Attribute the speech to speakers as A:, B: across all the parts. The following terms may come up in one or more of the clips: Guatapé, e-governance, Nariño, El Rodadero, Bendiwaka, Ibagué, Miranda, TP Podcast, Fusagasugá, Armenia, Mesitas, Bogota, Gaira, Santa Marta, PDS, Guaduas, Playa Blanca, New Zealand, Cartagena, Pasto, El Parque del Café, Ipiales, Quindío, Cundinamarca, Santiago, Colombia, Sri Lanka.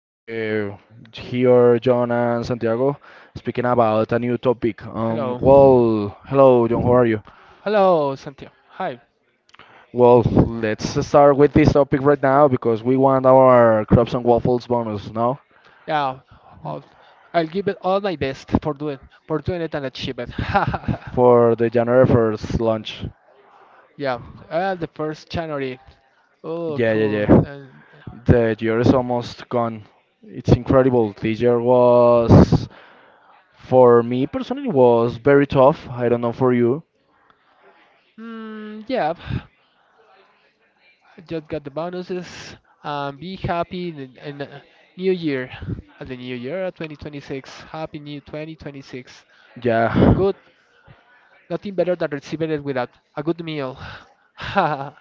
A: Uh, Here, John and Santiago speaking about a new topic.
B: Hello.
A: Well, hello, John, how are you?
B: Hello, Santiago. Hi.
A: Well, let's start with this topic right now because we want our crabs and waffles bonus now
B: Yeah. I'll, I'll give it all my best for doing it and achieve it.
A: for the January 1st launch.
B: Yeah. The first January. Oh,
A: Yeah, yeah,
B: cool.
A: yeah.
B: And
A: The year is almost gone. It's incredible. This year was, for me personally, was very tough. I don't know for you.
B: yeah. I just got the bonuses. Be happy in the new year. At the new year, 2026. Happy new 2026. A
A: Yeah.
B: good, nothing better than receiving it without a good meal. I'm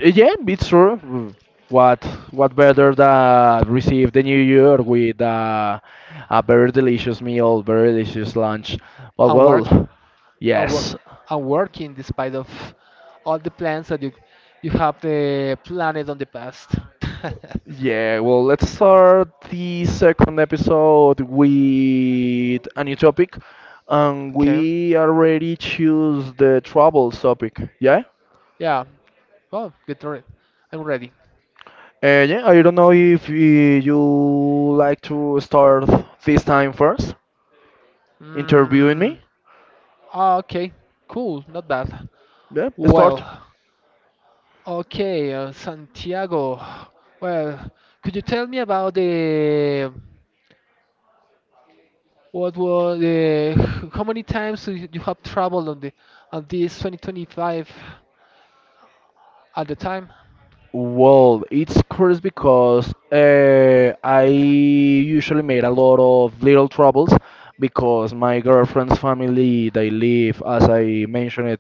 A: Yeah, it's true. What what better than receive the new year with a very delicious meal, very delicious lunch. But
B: working.
A: well,
B: and work
A: yes.
B: and working despite of all the plans that you have the planet on the past.
A: Yeah, well, let's start the second episode with a new topic. And
B: Okay.
A: we already choose the troubles topic, yeah?
B: Yeah. Well, get ready. I'm ready.
A: Yeah, I don't know if you like to start this time first, interviewing
B: Mm,
A: me.
B: okay. Cool. Not bad.
A: Yeah,
B: Well.
A: start.
B: Okay, Santiago. Well, could you tell me about the what was the how many times you have traveled on this 2025 at the time?
A: Well, it's curious because I usually made a lot of little troubles because my girlfriend's family, they live, as I mentioned it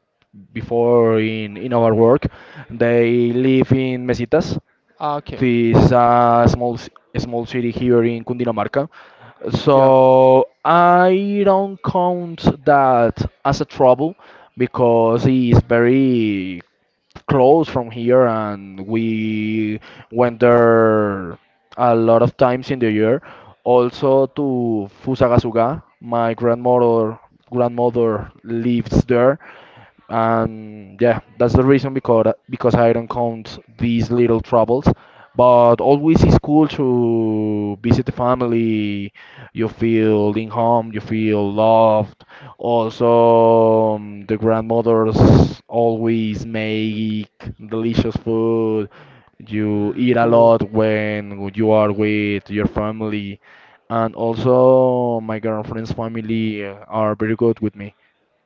A: before in our work, they live in mesitas,
B: Ah, okay.
A: this small city here in Cundinamarca.
B: Yeah.
A: So I don't count that as a trouble because it's very close from here and we went there a lot of times in the year. Also to Fusagasugá, my grandmother lives there. And yeah, that's the reason, because I don't count these little troubles, but always it's cool to visit the family. You feel in home, you feel loved. Also, the grandmothers always make delicious food. You eat a
B: Cool.
A: lot when you are with your family. And also my girlfriend's family are very good with me.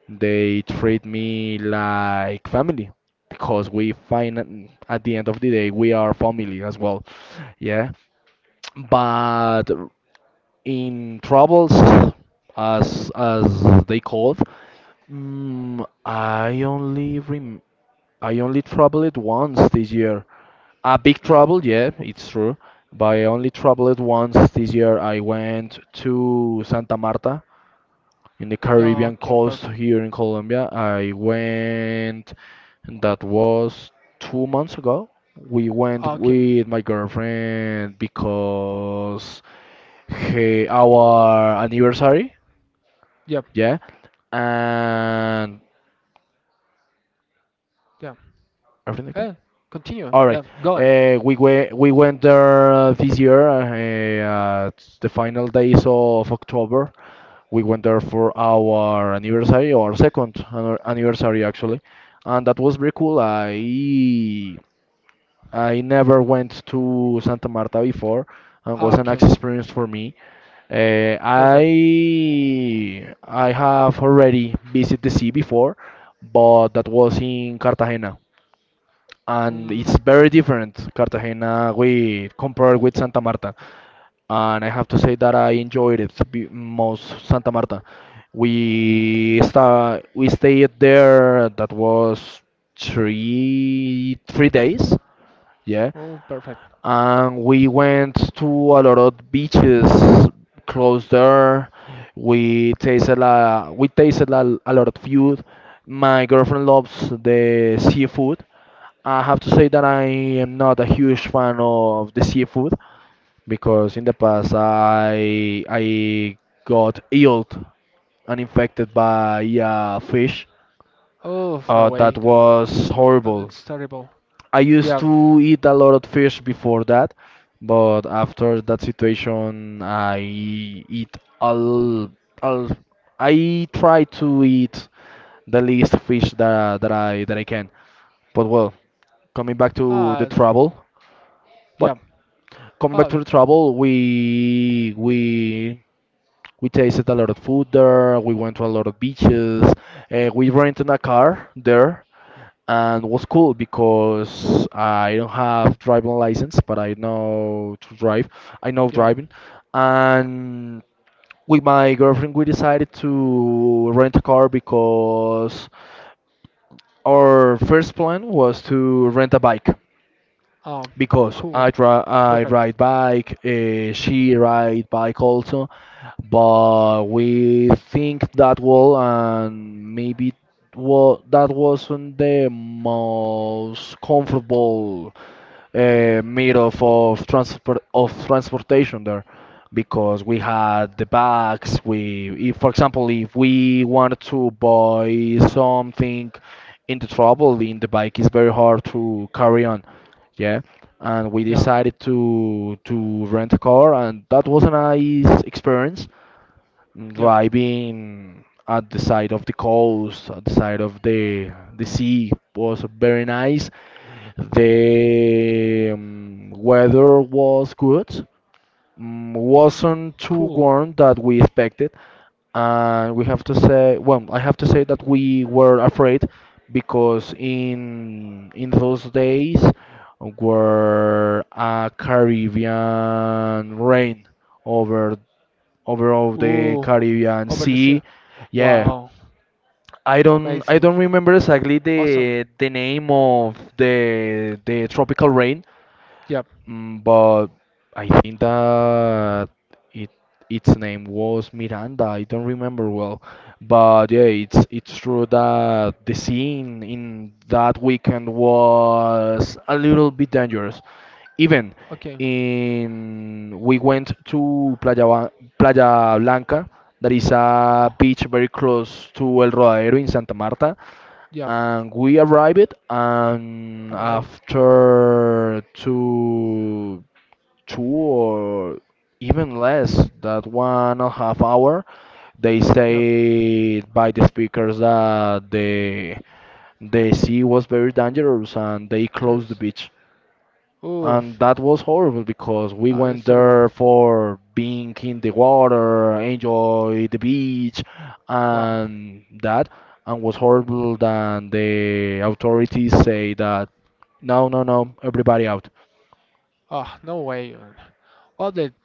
A: They treat me like family because we find at the end of the day we are family as well. Yeah, but in troubles, as they called, mm, I only rem I only troubled once this year. A big trouble, yeah, it's true. But I only troubled once this year. I went to Santa Marta in the
B: Yeah,
A: Caribbean
B: okay,
A: coast
B: perfect.
A: here in Colombia. I went, and that was 2 months ago. We went
B: Ah, okay.
A: with my girlfriend because he, our anniversary,
B: Yep.
A: yeah, and
B: Yeah.
A: everything okay?
B: Eh, Continue.
A: All right.
B: Yeah, go on.
A: We went there this year at the final days of October. We went there for our anniversary, our second anniversary actually, and that was very cool. I never went to Santa Marta before, and was
B: Ah,
A: an
B: okay,
A: experience for me. Uh, I
B: perfect.
A: I have already visited the sea before, but that was in Cartagena and
B: Mm,
A: it's very different Cartagena we compared with Santa Marta. And I have to say that I enjoyed it most Santa Marta. We stayed there. That was three days. Yeah,
B: oh, perfect.
A: and we went to a lot of beaches close there. A lot of food. My girlfriend loves the seafood. I have to say that I am not a huge fan of the seafood because in the past I got ill and infected by a fish.
B: Oh, no
A: That
B: way. Don't.
A: was
B: Uh,
A: horrible.
B: that's terrible.
A: I used
B: Yeah.
A: to eat a lot of fish before that, but after that situation, all I try to eat the least fish that I can. But well, coming back to the
B: Ah,
A: trouble, what?
B: yeah.
A: Coming back
B: Ah,
A: to the trouble, we tasted a lot of food there. We went to a lot of beaches. We rented a car there, and was cool because I don't have driving license, but I know to drive. I know
B: yeah.
A: driving, and with my girlfriend, we decided to rent a car because our first plan was to rent a bike
B: Ah,
A: because
B: cool.
A: I
B: Perfect.
A: ride bike, she ride bike also, but we think that well and maybe well that wasn't the most comfortable mode of transport of transportation there because we had the bags. We if, for example, if we wanted to buy something in the trouble, in the bike it's very hard to carry on. Yeah, and we
B: Yeah.
A: decided to rent a car, and that was a nice experience.
B: Yep.
A: Driving at the side of the coast, at the side of the sea was very nice. The weather was good.
B: Mm,
A: Wasn't too
B: cool.
A: warm that we expected, and we have to say, well, I have to say that we were afraid because in those days were a Caribbean rain over over of the
B: Ooh,
A: Caribbean
B: over the sea.
A: Sea. Yeah,
B: Wow,
A: I
B: amazing.
A: don't remember exactly
B: Awesome.
A: the name of the tropical rain.
B: Yep.
A: But I think that it its name was Miranda. I don't remember well, but yeah, it's true that the scene in that weekend was a little bit dangerous. Even
B: Okay.
A: in we went to Playa Blanca, that is a
B: Oh,
A: beach very close to El Rodadero in Santa Marta,
B: yep.
A: and we arrived, and
B: Arrived.
A: after two or even less that 1.5 hour, they
B: Yep.
A: say by the speakers that the sea was very dangerous and they closed the
B: Cheers.
A: beach. And
B: Oof.
A: that was horrible because we
B: Uh,
A: went
B: it's terrible.
A: there for being in the water, enjoy the beach,
B: Wow.
A: and that, and was horrible. Then the authorities say that no, no, no, everybody out.
B: Oh, no way, man. Well, then,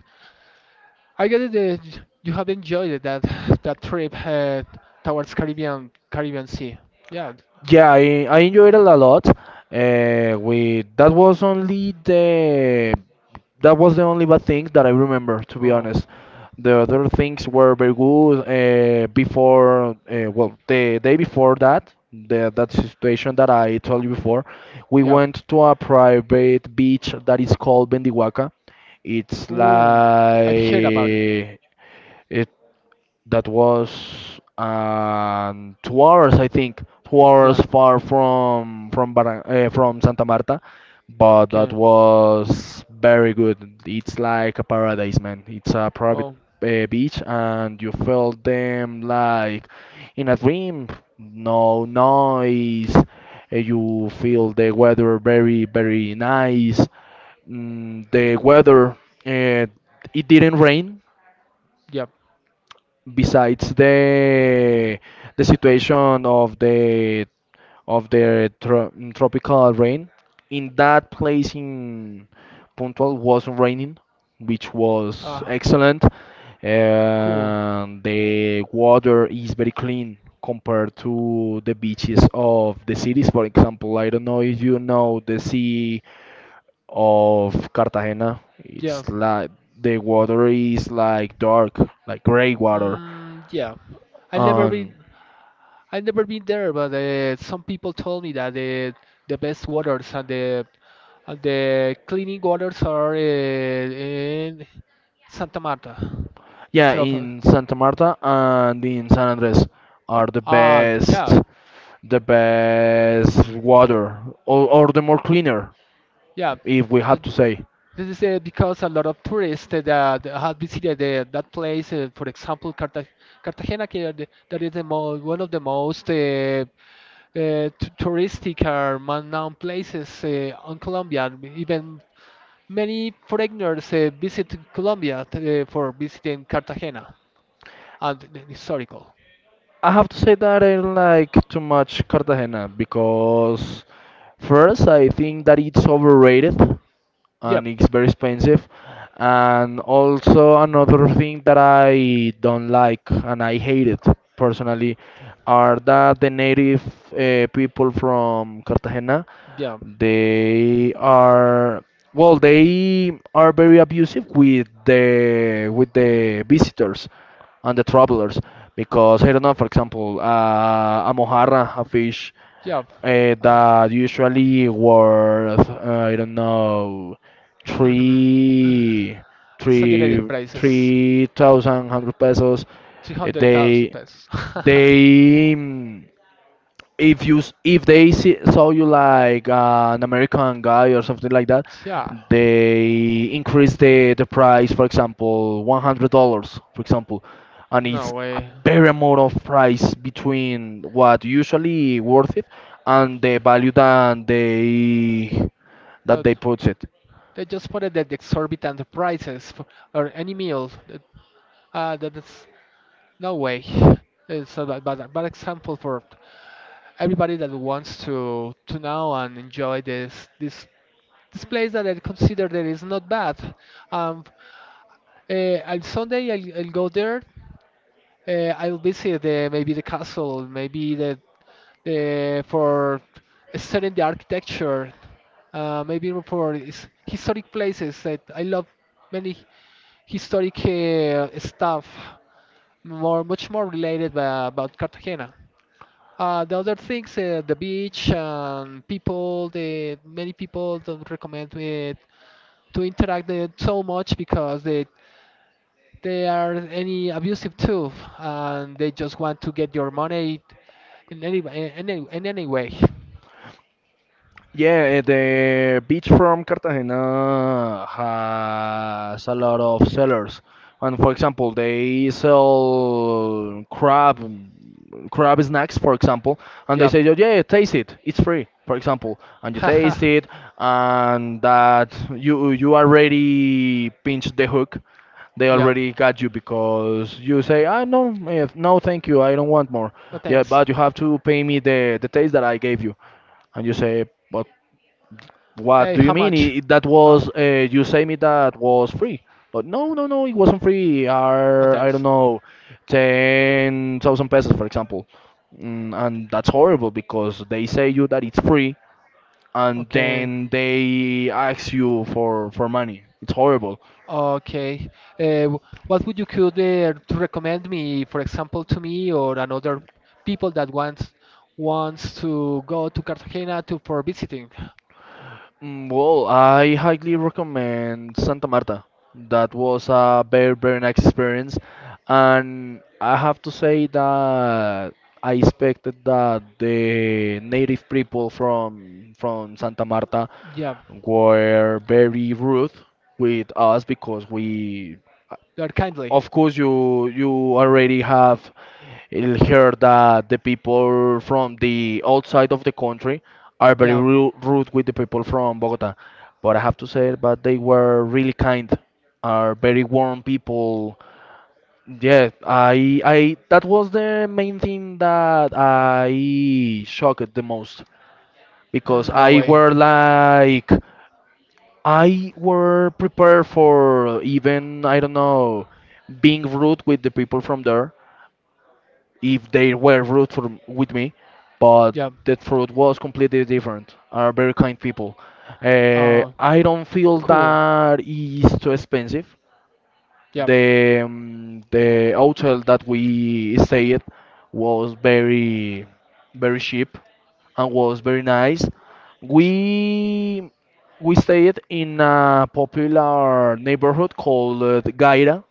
B: I get it that you have enjoyed it, that that trip towards Caribbean Sea. Yeah.
A: Yeah, I enjoyed it a lot. We that was only the That was the only bad thing that I remember, to be
B: Oh,
A: honest. The other things were very good. Before, well, the day before that, that situation that I told you before, we
B: yep.
A: went to a private beach that is called Bendiwaka. It's
B: Mm, I've heard about it.
A: like it that was 2 hours, I think, 2 hours
B: Yeah.
A: far from Santa Marta, but that
B: Okay.
A: was very good. It's like a paradise, man. It's a private
B: Oh,
A: beach, and you felt them like in a dream. No noise. You feel the weather very, very nice. The weather, uh, it didn't rain
B: yep.
A: besides the situation of the tropical rain. In that place, in Puntual, was raining, which was
B: Ah,
A: excellent.
B: cool.
A: And the water is very clean compared to the beaches of the cities. For example, I don't know if you know the sea of Cartagena.
B: Yeah.
A: It's like the water is like dark, like gray water.
B: Yeah. I never been
A: um,
B: I never been there, but some people told me that the best waters and the cleaning waters are in Santa Marta
A: yeah,
B: instead of
A: in Santa Marta and in San Andres are
B: ah, yeah,
A: the best water, or the more cleaner,
B: yeah.
A: if we
B: Uh,
A: have to say.
B: This is because a lot of tourists that that have visited that place. For example, Cartagena, que are the- that is the mo one of the most t touristic or man-known places on Colombia, even many foreigners visit Colombia for visiting Cartagena and the historical.
A: I have to say that I like too much Cartagena because first I think that it's overrated
B: Yep,
A: and it's very expensive. And also another thing that I don't like and I hate it personally are that the native people from Cartagena,
B: yep,
A: they are well, they are very abusive with the visitors and the travelers, because I don't know, for example, a mojarra, a fish,
B: yep. Oh.
A: that usually worth, I don't know, three
B: Exaggerated prices,
A: three thousand hundred pesos.
B: 300,000
A: They
B: pesos.
A: they. Mm, if you s- If they saw you like an American guy or something like that,
B: yeah,
A: they increase the price, for example, $100, for example, and
B: no
A: it's a
B: way.
A: very amount of price between what usually worth it and the value that
B: Uh,
A: they put it.
B: they just put it at the exorbitant prices for or any meal. That is no way. It's a bad, bad, bad example for everybody that wants to know and enjoy this this this place that I consider that is not bad. Um, on Sunday I'll go there. I'll visit the, maybe the castle, maybe the for studying the architecture, maybe for historic places. That I love many historic stuff, more much more related about Cartagena. The other things, the beach, and people, the many people don't recommend it to interact it so much because they are any abusive too, and they just want to get your money in any way.
A: Yeah, the beach from Cartagena has a lot of sellers. And for example, they sell crab snacks, for example, and they
B: Yeah.
A: say, "Oh, yeah, taste it. It's free, for example." And you taste it, and that you already pinched the hook. They
B: yeah.
A: already got you because you say, "I no, eh, no, thank you. I don't want more."
B: No
A: Yeah,
B: thanks.
A: "but you have to pay me the taste that I gave you." And you say, "But what
B: Hey,
A: do
B: how
A: you mean?
B: much?
A: I that
B: Uh,
A: was You say me that was free, but no, no, no, it wasn't free.
B: oh,
A: Are I don't
B: thanks.
A: know, 10,000 pesos, for example, and that's horrible because they say you that it's free, and
B: Okay,
A: then they ask you for money. It's horrible."
B: okay. What would you could to recommend me, for example, to me or another people that wants to go to Cartagena to for visiting?
A: Well, I highly recommend Santa Marta. That was a very, very nice experience. And I have to say that I expected that the native people from Santa Marta
B: Yeah,
A: were very rude with us because we,
B: they are kindly.
A: of course, you already have it'll hear that the people from the outside of the country are very
B: Yeah,
A: rude with the people from Bogota. But I have to say, but they were really kind, are very warm people. Yeah, that was the main thing that I shocked the most because
B: no way.
A: I were prepared for even, I don't know, being rude with the people from there if they were rude with me, but
B: Yeah.
A: that truth was completely different. Are very kind people.
B: Uh,
A: I don't feel
B: cool.
A: that is too expensive.
B: Yeah.
A: The hotel that we stayed was very cheap and was very nice.
B: Ch-
A: We we stayed in a popular neighborhood called Gaira.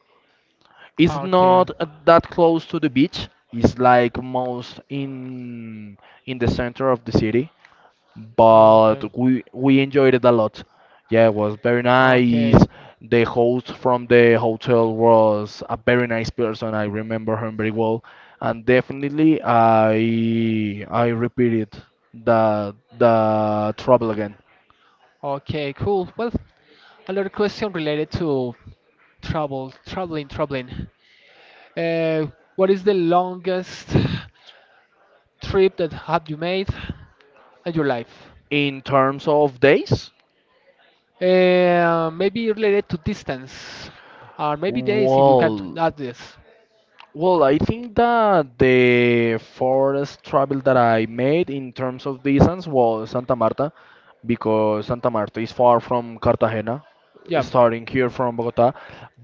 A: It's
B: Okay.
A: not that close to the beach. It's like most in the center of the city, but
B: Okay.
A: we enjoyed it a lot. Yeah, it was very nice.
B: Okay.
A: The host from the hotel was a very nice person. I remember him very well, and definitely I repeated the travel again.
B: Okay. Cool. Well, another question related to travel, traveling. Uh, what is the longest trip that have you made in your life?
A: In terms of days,
B: Maybe related to distance, or maybe days if you can
A: well,
B: add this.
A: Well, I think that the forest travel that I made in terms of distance was Santa Marta, because Santa Marta is far from Cartagena,
B: Yeah,
A: starting here from Bogota.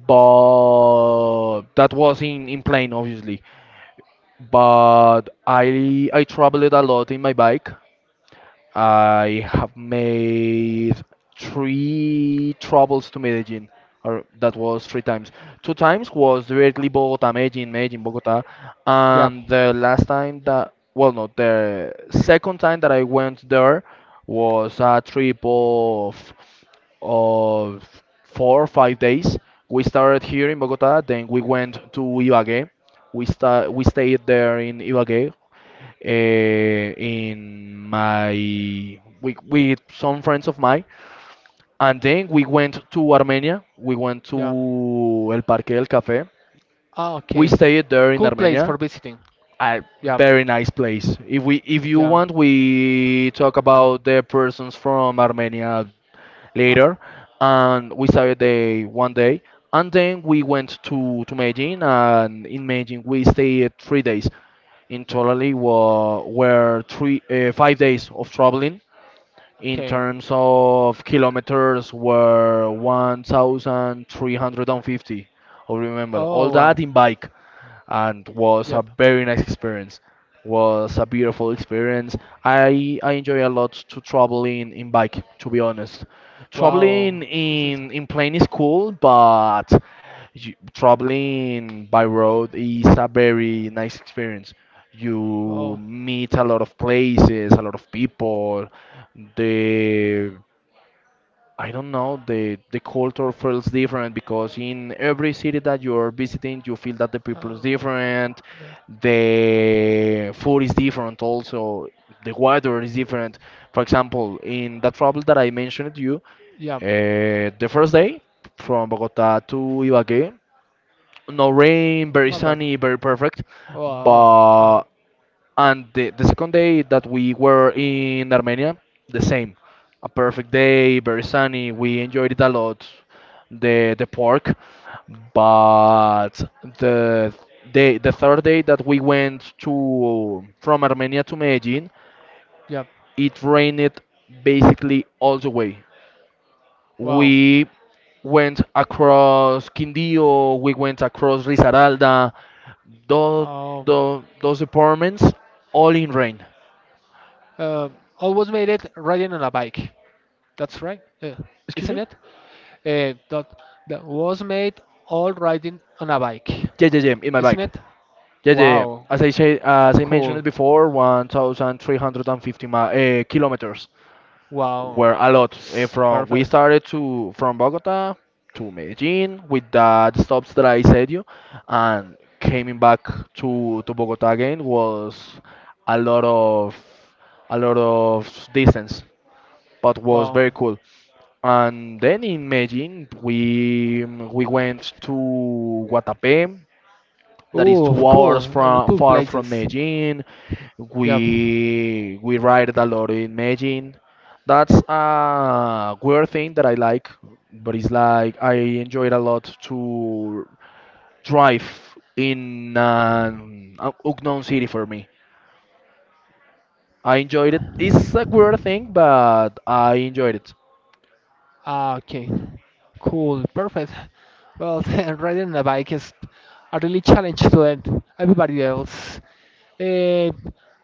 A: But that was in plane, obviously. But I traveled a lot in my bike. I have made three travels to Medellin, or that was three times. Two times was directly Bogota, Medellin, Medellin, Bogota,
B: yeah,
A: and the last time that, well, no, the second time that I went there was a trip of 4 or 5 days. We started here in Bogota, then we went to Ibagué. We stayed there in Ibagué in with some friends of mine, and then we went to Armenia. We went
B: yeah.
A: to El Parque del Café.
B: Ah,
A: We
B: okay.
A: stayed there in
B: Cool place
A: Armenia
B: for visiting.
A: a
B: Yeah,
A: very nice place. If if you
B: yeah.
A: want, we talk about the persons from Armenia
B: Ah,
A: later, and we started the one day, and then we went to Medellin, and in Medellin we stayed 3 days. In totally wa were three 5 days of traveling. In
B: okay.
A: terms of kilometers, were 1,350. I remember all
B: Oh,
A: that
B: wow.
A: in bike and was a
B: Yep.
A: very nice experience. Was a beautiful experience. I enjoy a lot to traveling in bike, to be honest.
B: Wow.
A: Traveling
B: This is.
A: in plane is cool, but you, traveling by road is a very nice experience. You
B: Oh.
A: meet a lot of places, a lot of people. The I don't know, the culture feels different because in every city that you're visiting, you feel that the people is
B: Uh,
A: different,
B: yeah.
A: the food is different also, the weather is different. For example, in that travel that I mentioned to you,
B: Yeah.
A: the first day from Bogota to Ibagué, no rain, very
B: My bad.
A: sunny, very perfect,
B: Wow. Oh.
A: but and the second day that we were in Armenia, the same. A perfect day, very sunny. We enjoyed it a lot, the park. But the day, the third day that we went to from Armenia to Medellin,
B: Yep.
A: it rained basically all the way.
B: Wow.
A: We went across Quindío, we went across Risaralda, those,
B: Oh,
A: those apartments all in rain.
B: uh, almost made it riding on a bike. That's right,
A: Excuse
B: isn't
A: me?
B: it? Uh, that that was made all riding on a bike,
A: Yeah, yeah, yeah, in my
B: isn't
A: bike.
B: it?
A: Yeah, yeah, yeah.
B: Wow.
A: As I said, as I mentioned it
B: Cool.
A: before, 1,350 kilometers
B: Wow.
A: were a lot. From we
B: Perfect.
A: started to from Bogota to Medellin with that stops that I said you, and coming back to Bogota again was a lot of a lot of distance, but was
B: Wow.
A: very cool. And then in Medellin, we went to Guatapé that is
B: Ooh,
A: 2 hours
B: cool.
A: from
B: Cool
A: far from
B: places.
A: Medellin.
B: Yep.
A: We ride a lot in Medellin. That's a weird thing that I like, but it's like I enjoy it a lot to drive in an unknown city for me. I enjoyed it. It's a weird thing, but I enjoyed it.
B: Ah, okay. Cool. Perfect. Well, riding on a bike is a really challenge to it. Everybody else. Uh,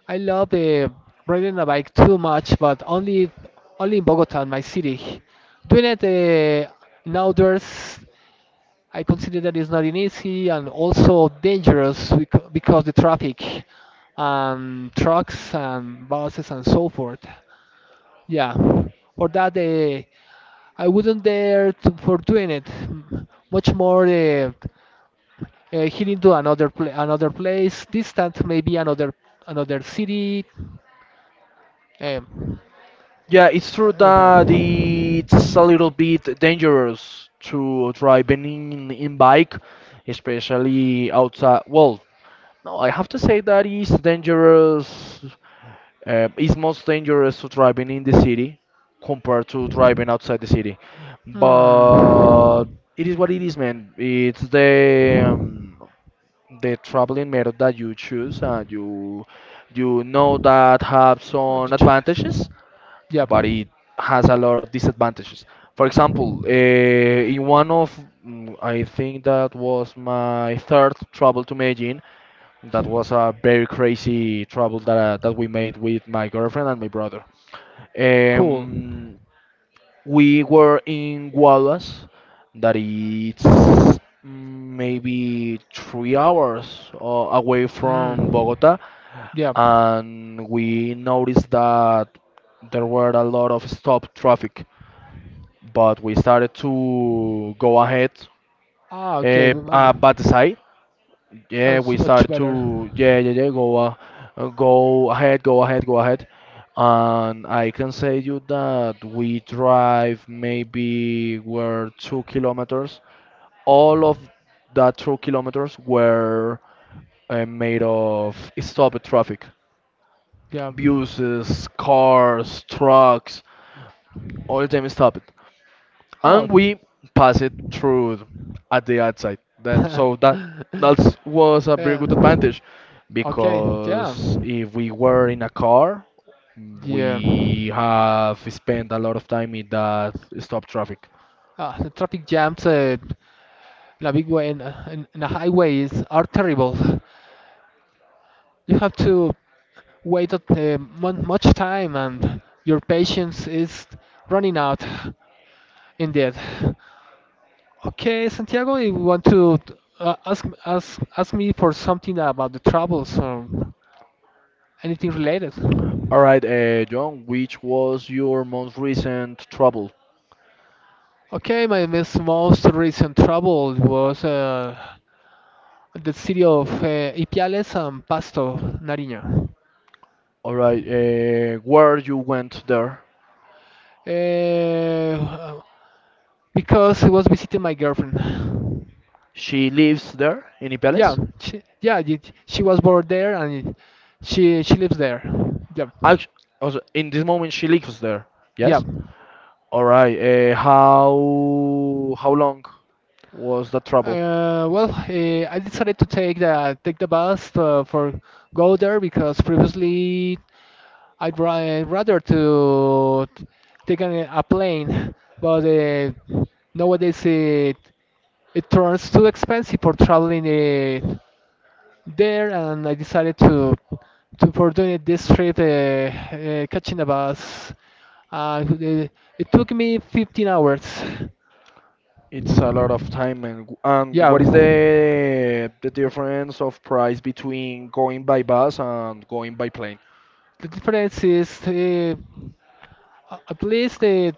B: I love riding a bike too much, but only in Bogota, my city. Doing it in outdoors, I consider that is not an easy and also dangerous because the traffic, trucks and buses and so forth. Yeah, for that I wouldn't dare to, for doing it. Much more heading to another place, distant maybe another city. Um,
A: Yeah, it's true that
B: Sorry.
A: it's a little bit dangerous to drive in bike, especially outside. Well, no, I have to say that it's dangerous. It's most dangerous to driving in the city compared to driving outside the city.
B: Hmm.
A: But it is what it is, man. It's the traveling method that you choose, and you know that have
B: The
A: some
B: choice.
A: advantages
B: Yep.
A: but it has a lot of disadvantages. For example, in one of, mm, I think that was my third travel to Medellin. That was a very crazy travel that we made with my girlfriend and my brother.
B: Cool.
A: Um, we were in Guaduas, that it's maybe 3 hours away from
B: Mm.
A: Bogota,
B: Yep.
A: and we noticed that there were a lot of stop traffic but we started to go ahead
B: Ah, okay.
A: but the side yeah we
B: That's much
A: started
B: better.
A: to yeah yeah yeah go ahead go ahead go ahead and I can say you that we drive maybe were 2 kilometers all of that 2 kilometers were made of stopped traffic
B: Yep.
A: buses cars trucks all of them stopped
B: Oh.
A: and we pass it through at the outside. That so that that was a very
B: yeah.
A: good advantage
B: Okay. Yeah.
A: because if we were in a car,
B: Yeah.
A: we have spent a lot of time in that stop traffic.
B: Ah, the traffic jams at La Big Way in and the highways are terrible. You have to waited much time and your patience is running out indeed. Okay, Santiago, you want to ask me for something about the travels or anything related?
A: All right, John, which was your most recent trouble?
B: Okay, my most recent travel was the city of Ipiales and Pasto, Nariño.
A: All right, where you went there?
B: uh, because he was visiting my girlfriend.
A: She lives there in
B: Yeah,
A: Ipeles?
B: she, yeah, she was born there and she lives there. Yeah,
A: Act- Also, in this moment, she lives there.
B: yeah.
A: Yes? All right. How long was the travel?
B: I decided to take the bus for go there because previously rather to take a plane, but nowadays it turns too expensive for traveling. There, and I decided to for doing it this trip, catching the bus. Uh, it, it took me 15 hours.
A: It's a lot of time, and
B: Yeah,
A: what is
B: the
A: the difference of price between going by bus and going by plane?
B: difference is at least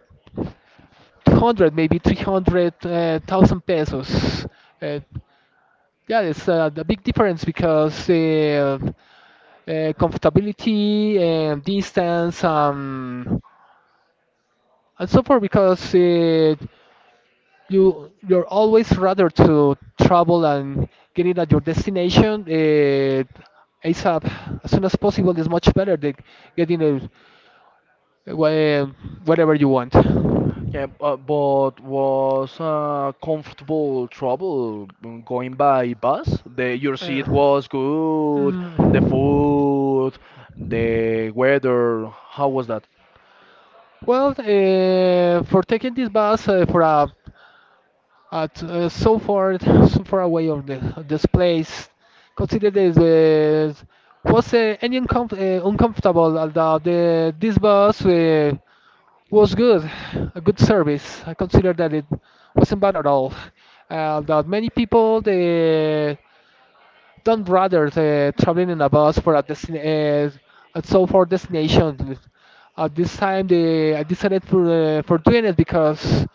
B: 200, maybe 300 thousand pesos. Uh, yeah, it's a big difference because comfortability and distance, and so forth because you you're always rather to travel and getting at your destination ASAP, as soon as possible, is much better than getting it eh, wh- eh, whatever you want.
A: Yeah, but was comfortable travel going by bus? The your seat
B: Uh,
A: was good,
B: mm.
A: the food, the weather. How was that?
B: Well, for taking this bus for a At so far, so far away of the of this place, consider this was any uncomf uncomfortable about the this bus. Was good, a good service. I consider that it wasn't bad at all. That many people they don't rather traveling in a bus for a destin and so for destination. At this time, they I decided for doing it because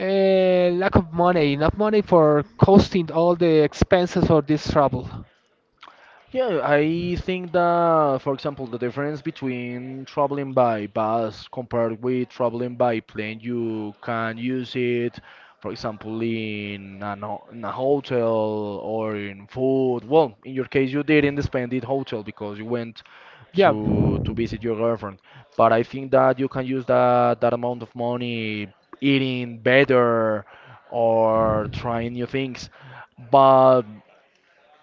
B: lack of money, enough money for costing all the expenses of this travel.
A: Yeah, I think that, for example, the difference between traveling by bus compared with traveling by plane, you can use it, for example, in in a hotel or in food. Well, in your case, you didn't spend it hotel because you went
B: Yeah,
A: to visit your girlfriend. But I think that you can use that that amount of money eating better or trying new things. But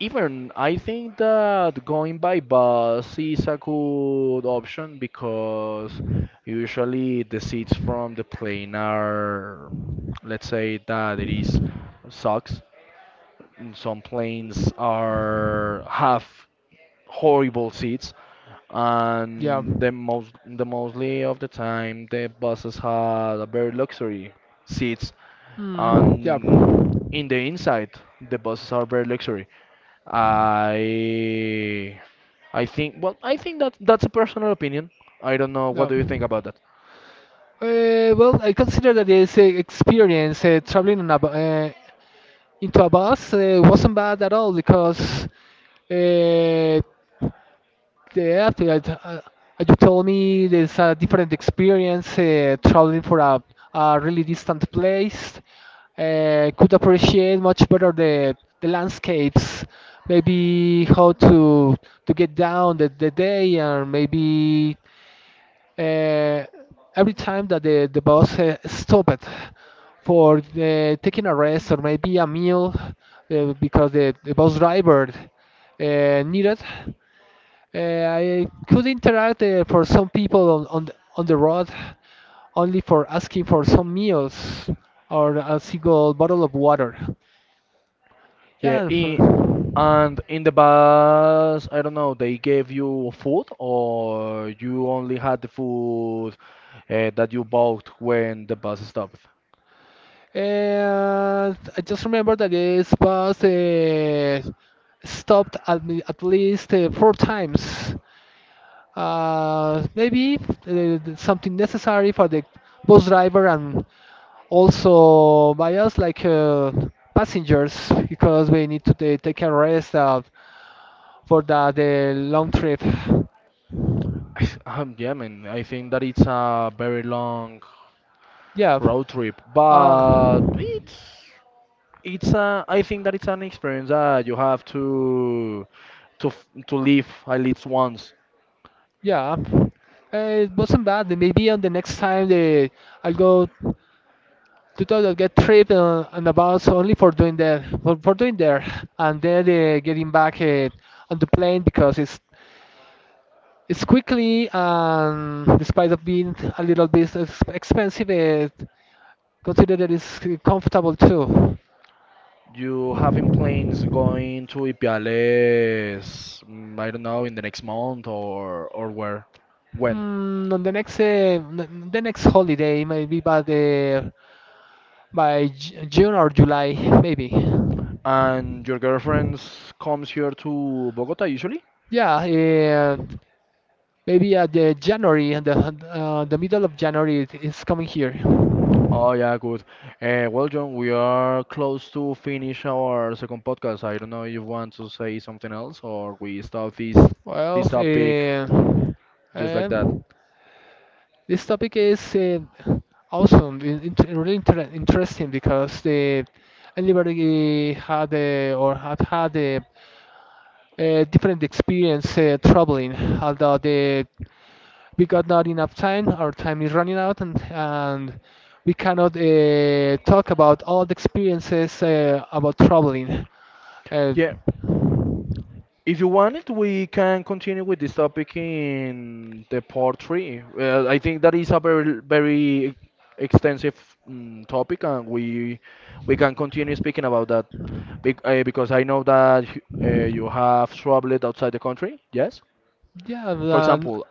A: even I think that going by bus is a good option because usually the seats from the plane are, let's say that it is sucks and some planes are have horrible seats,
B: yeah,
A: and the mostly of the time the buses had a very luxury seats,
B: yeah,
A: and in the inside the buses are very luxury. I I think that that's a personal opinion. I don't know what
B: yeah.
A: do you think about that?
B: Well, I consider that this experience traveling on into a bus wasn't bad at all because uh, yeah, after that, you told me there's a different experience traveling for a really distant place. Could appreciate much better the landscapes, maybe how to get down the day, and maybe uh, every time that the bus stopped for taking a rest or maybe a meal, because the bus driver needed. I could interact for some people on the road only for asking for some meals or a single bottle of water.
A: Yeah,
B: Yeah. For-
A: and in the bus, I don't know, they gave you food or you only had the food that you bought when the bus stopped?
B: and I just remember that this bus stopped at, at least 4 times. Maybe something necessary for the bus driver and also by us like passengers because we need to take a rest for the long trip.
A: Yeah, man. I think that it's a very long
B: Yeah.
A: road trip,
B: uh,
A: but I think that it's an experience that you have to to live at least once.
B: yeah it wasn't bad. Then maybe on the next time I'll go to the get trip on the bus only for doing that for doing there and then getting back on the plane because it's quickly, and despite of being a little bit expensive, it considered that it's comfortable too.
A: You having plans going to Ipiales, I don't know, in the next month or where? When?
B: On the next, the next holiday, maybe by the by June or July, maybe.
A: And your girlfriend comes here to Bogota usually?
B: Yeah, maybe at the January, and the middle of January, it's coming here.
A: Oh yeah, good. Well, John, we are close to finish our second podcast. I don't know if you want to say something else or we stop this
B: Well,
A: this topic just like that.
B: um, this topic is awesome, really interesting because the everybody had or had had a different experience traveling. Although the we got not enough time, our time is running out, and we cannot talk about all the experiences about traveling. Uh,
A: Yeah, if you want it, we can continue with this topic in the part three. I think that is a very, very extensive topic, and we can continue speaking about that. Because I know that you have traveled outside the country. Yes,
B: yeah,
A: for
B: uh,
A: example,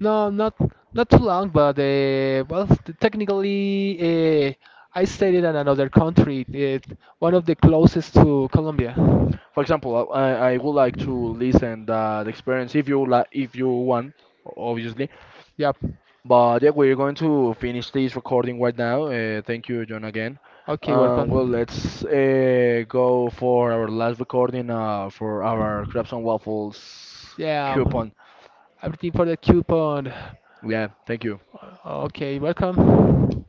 B: No, not not too long, but well, technically, I stayed in another country, it, one of the closest to Colombia.
A: for example, I would like to listen that experience if you like, if you want, obviously.
B: Yep.
A: But yeah, we're going to finish this recording right now. Thank you, John, again.
B: Okay,
A: Well,
B: welcome.
A: let's go for our last recording for our Crabs and Waffles
B: Yeah,
A: coupon.
B: I'm looking for the coupon.
A: Yeah, thank you.
B: Okay, welcome.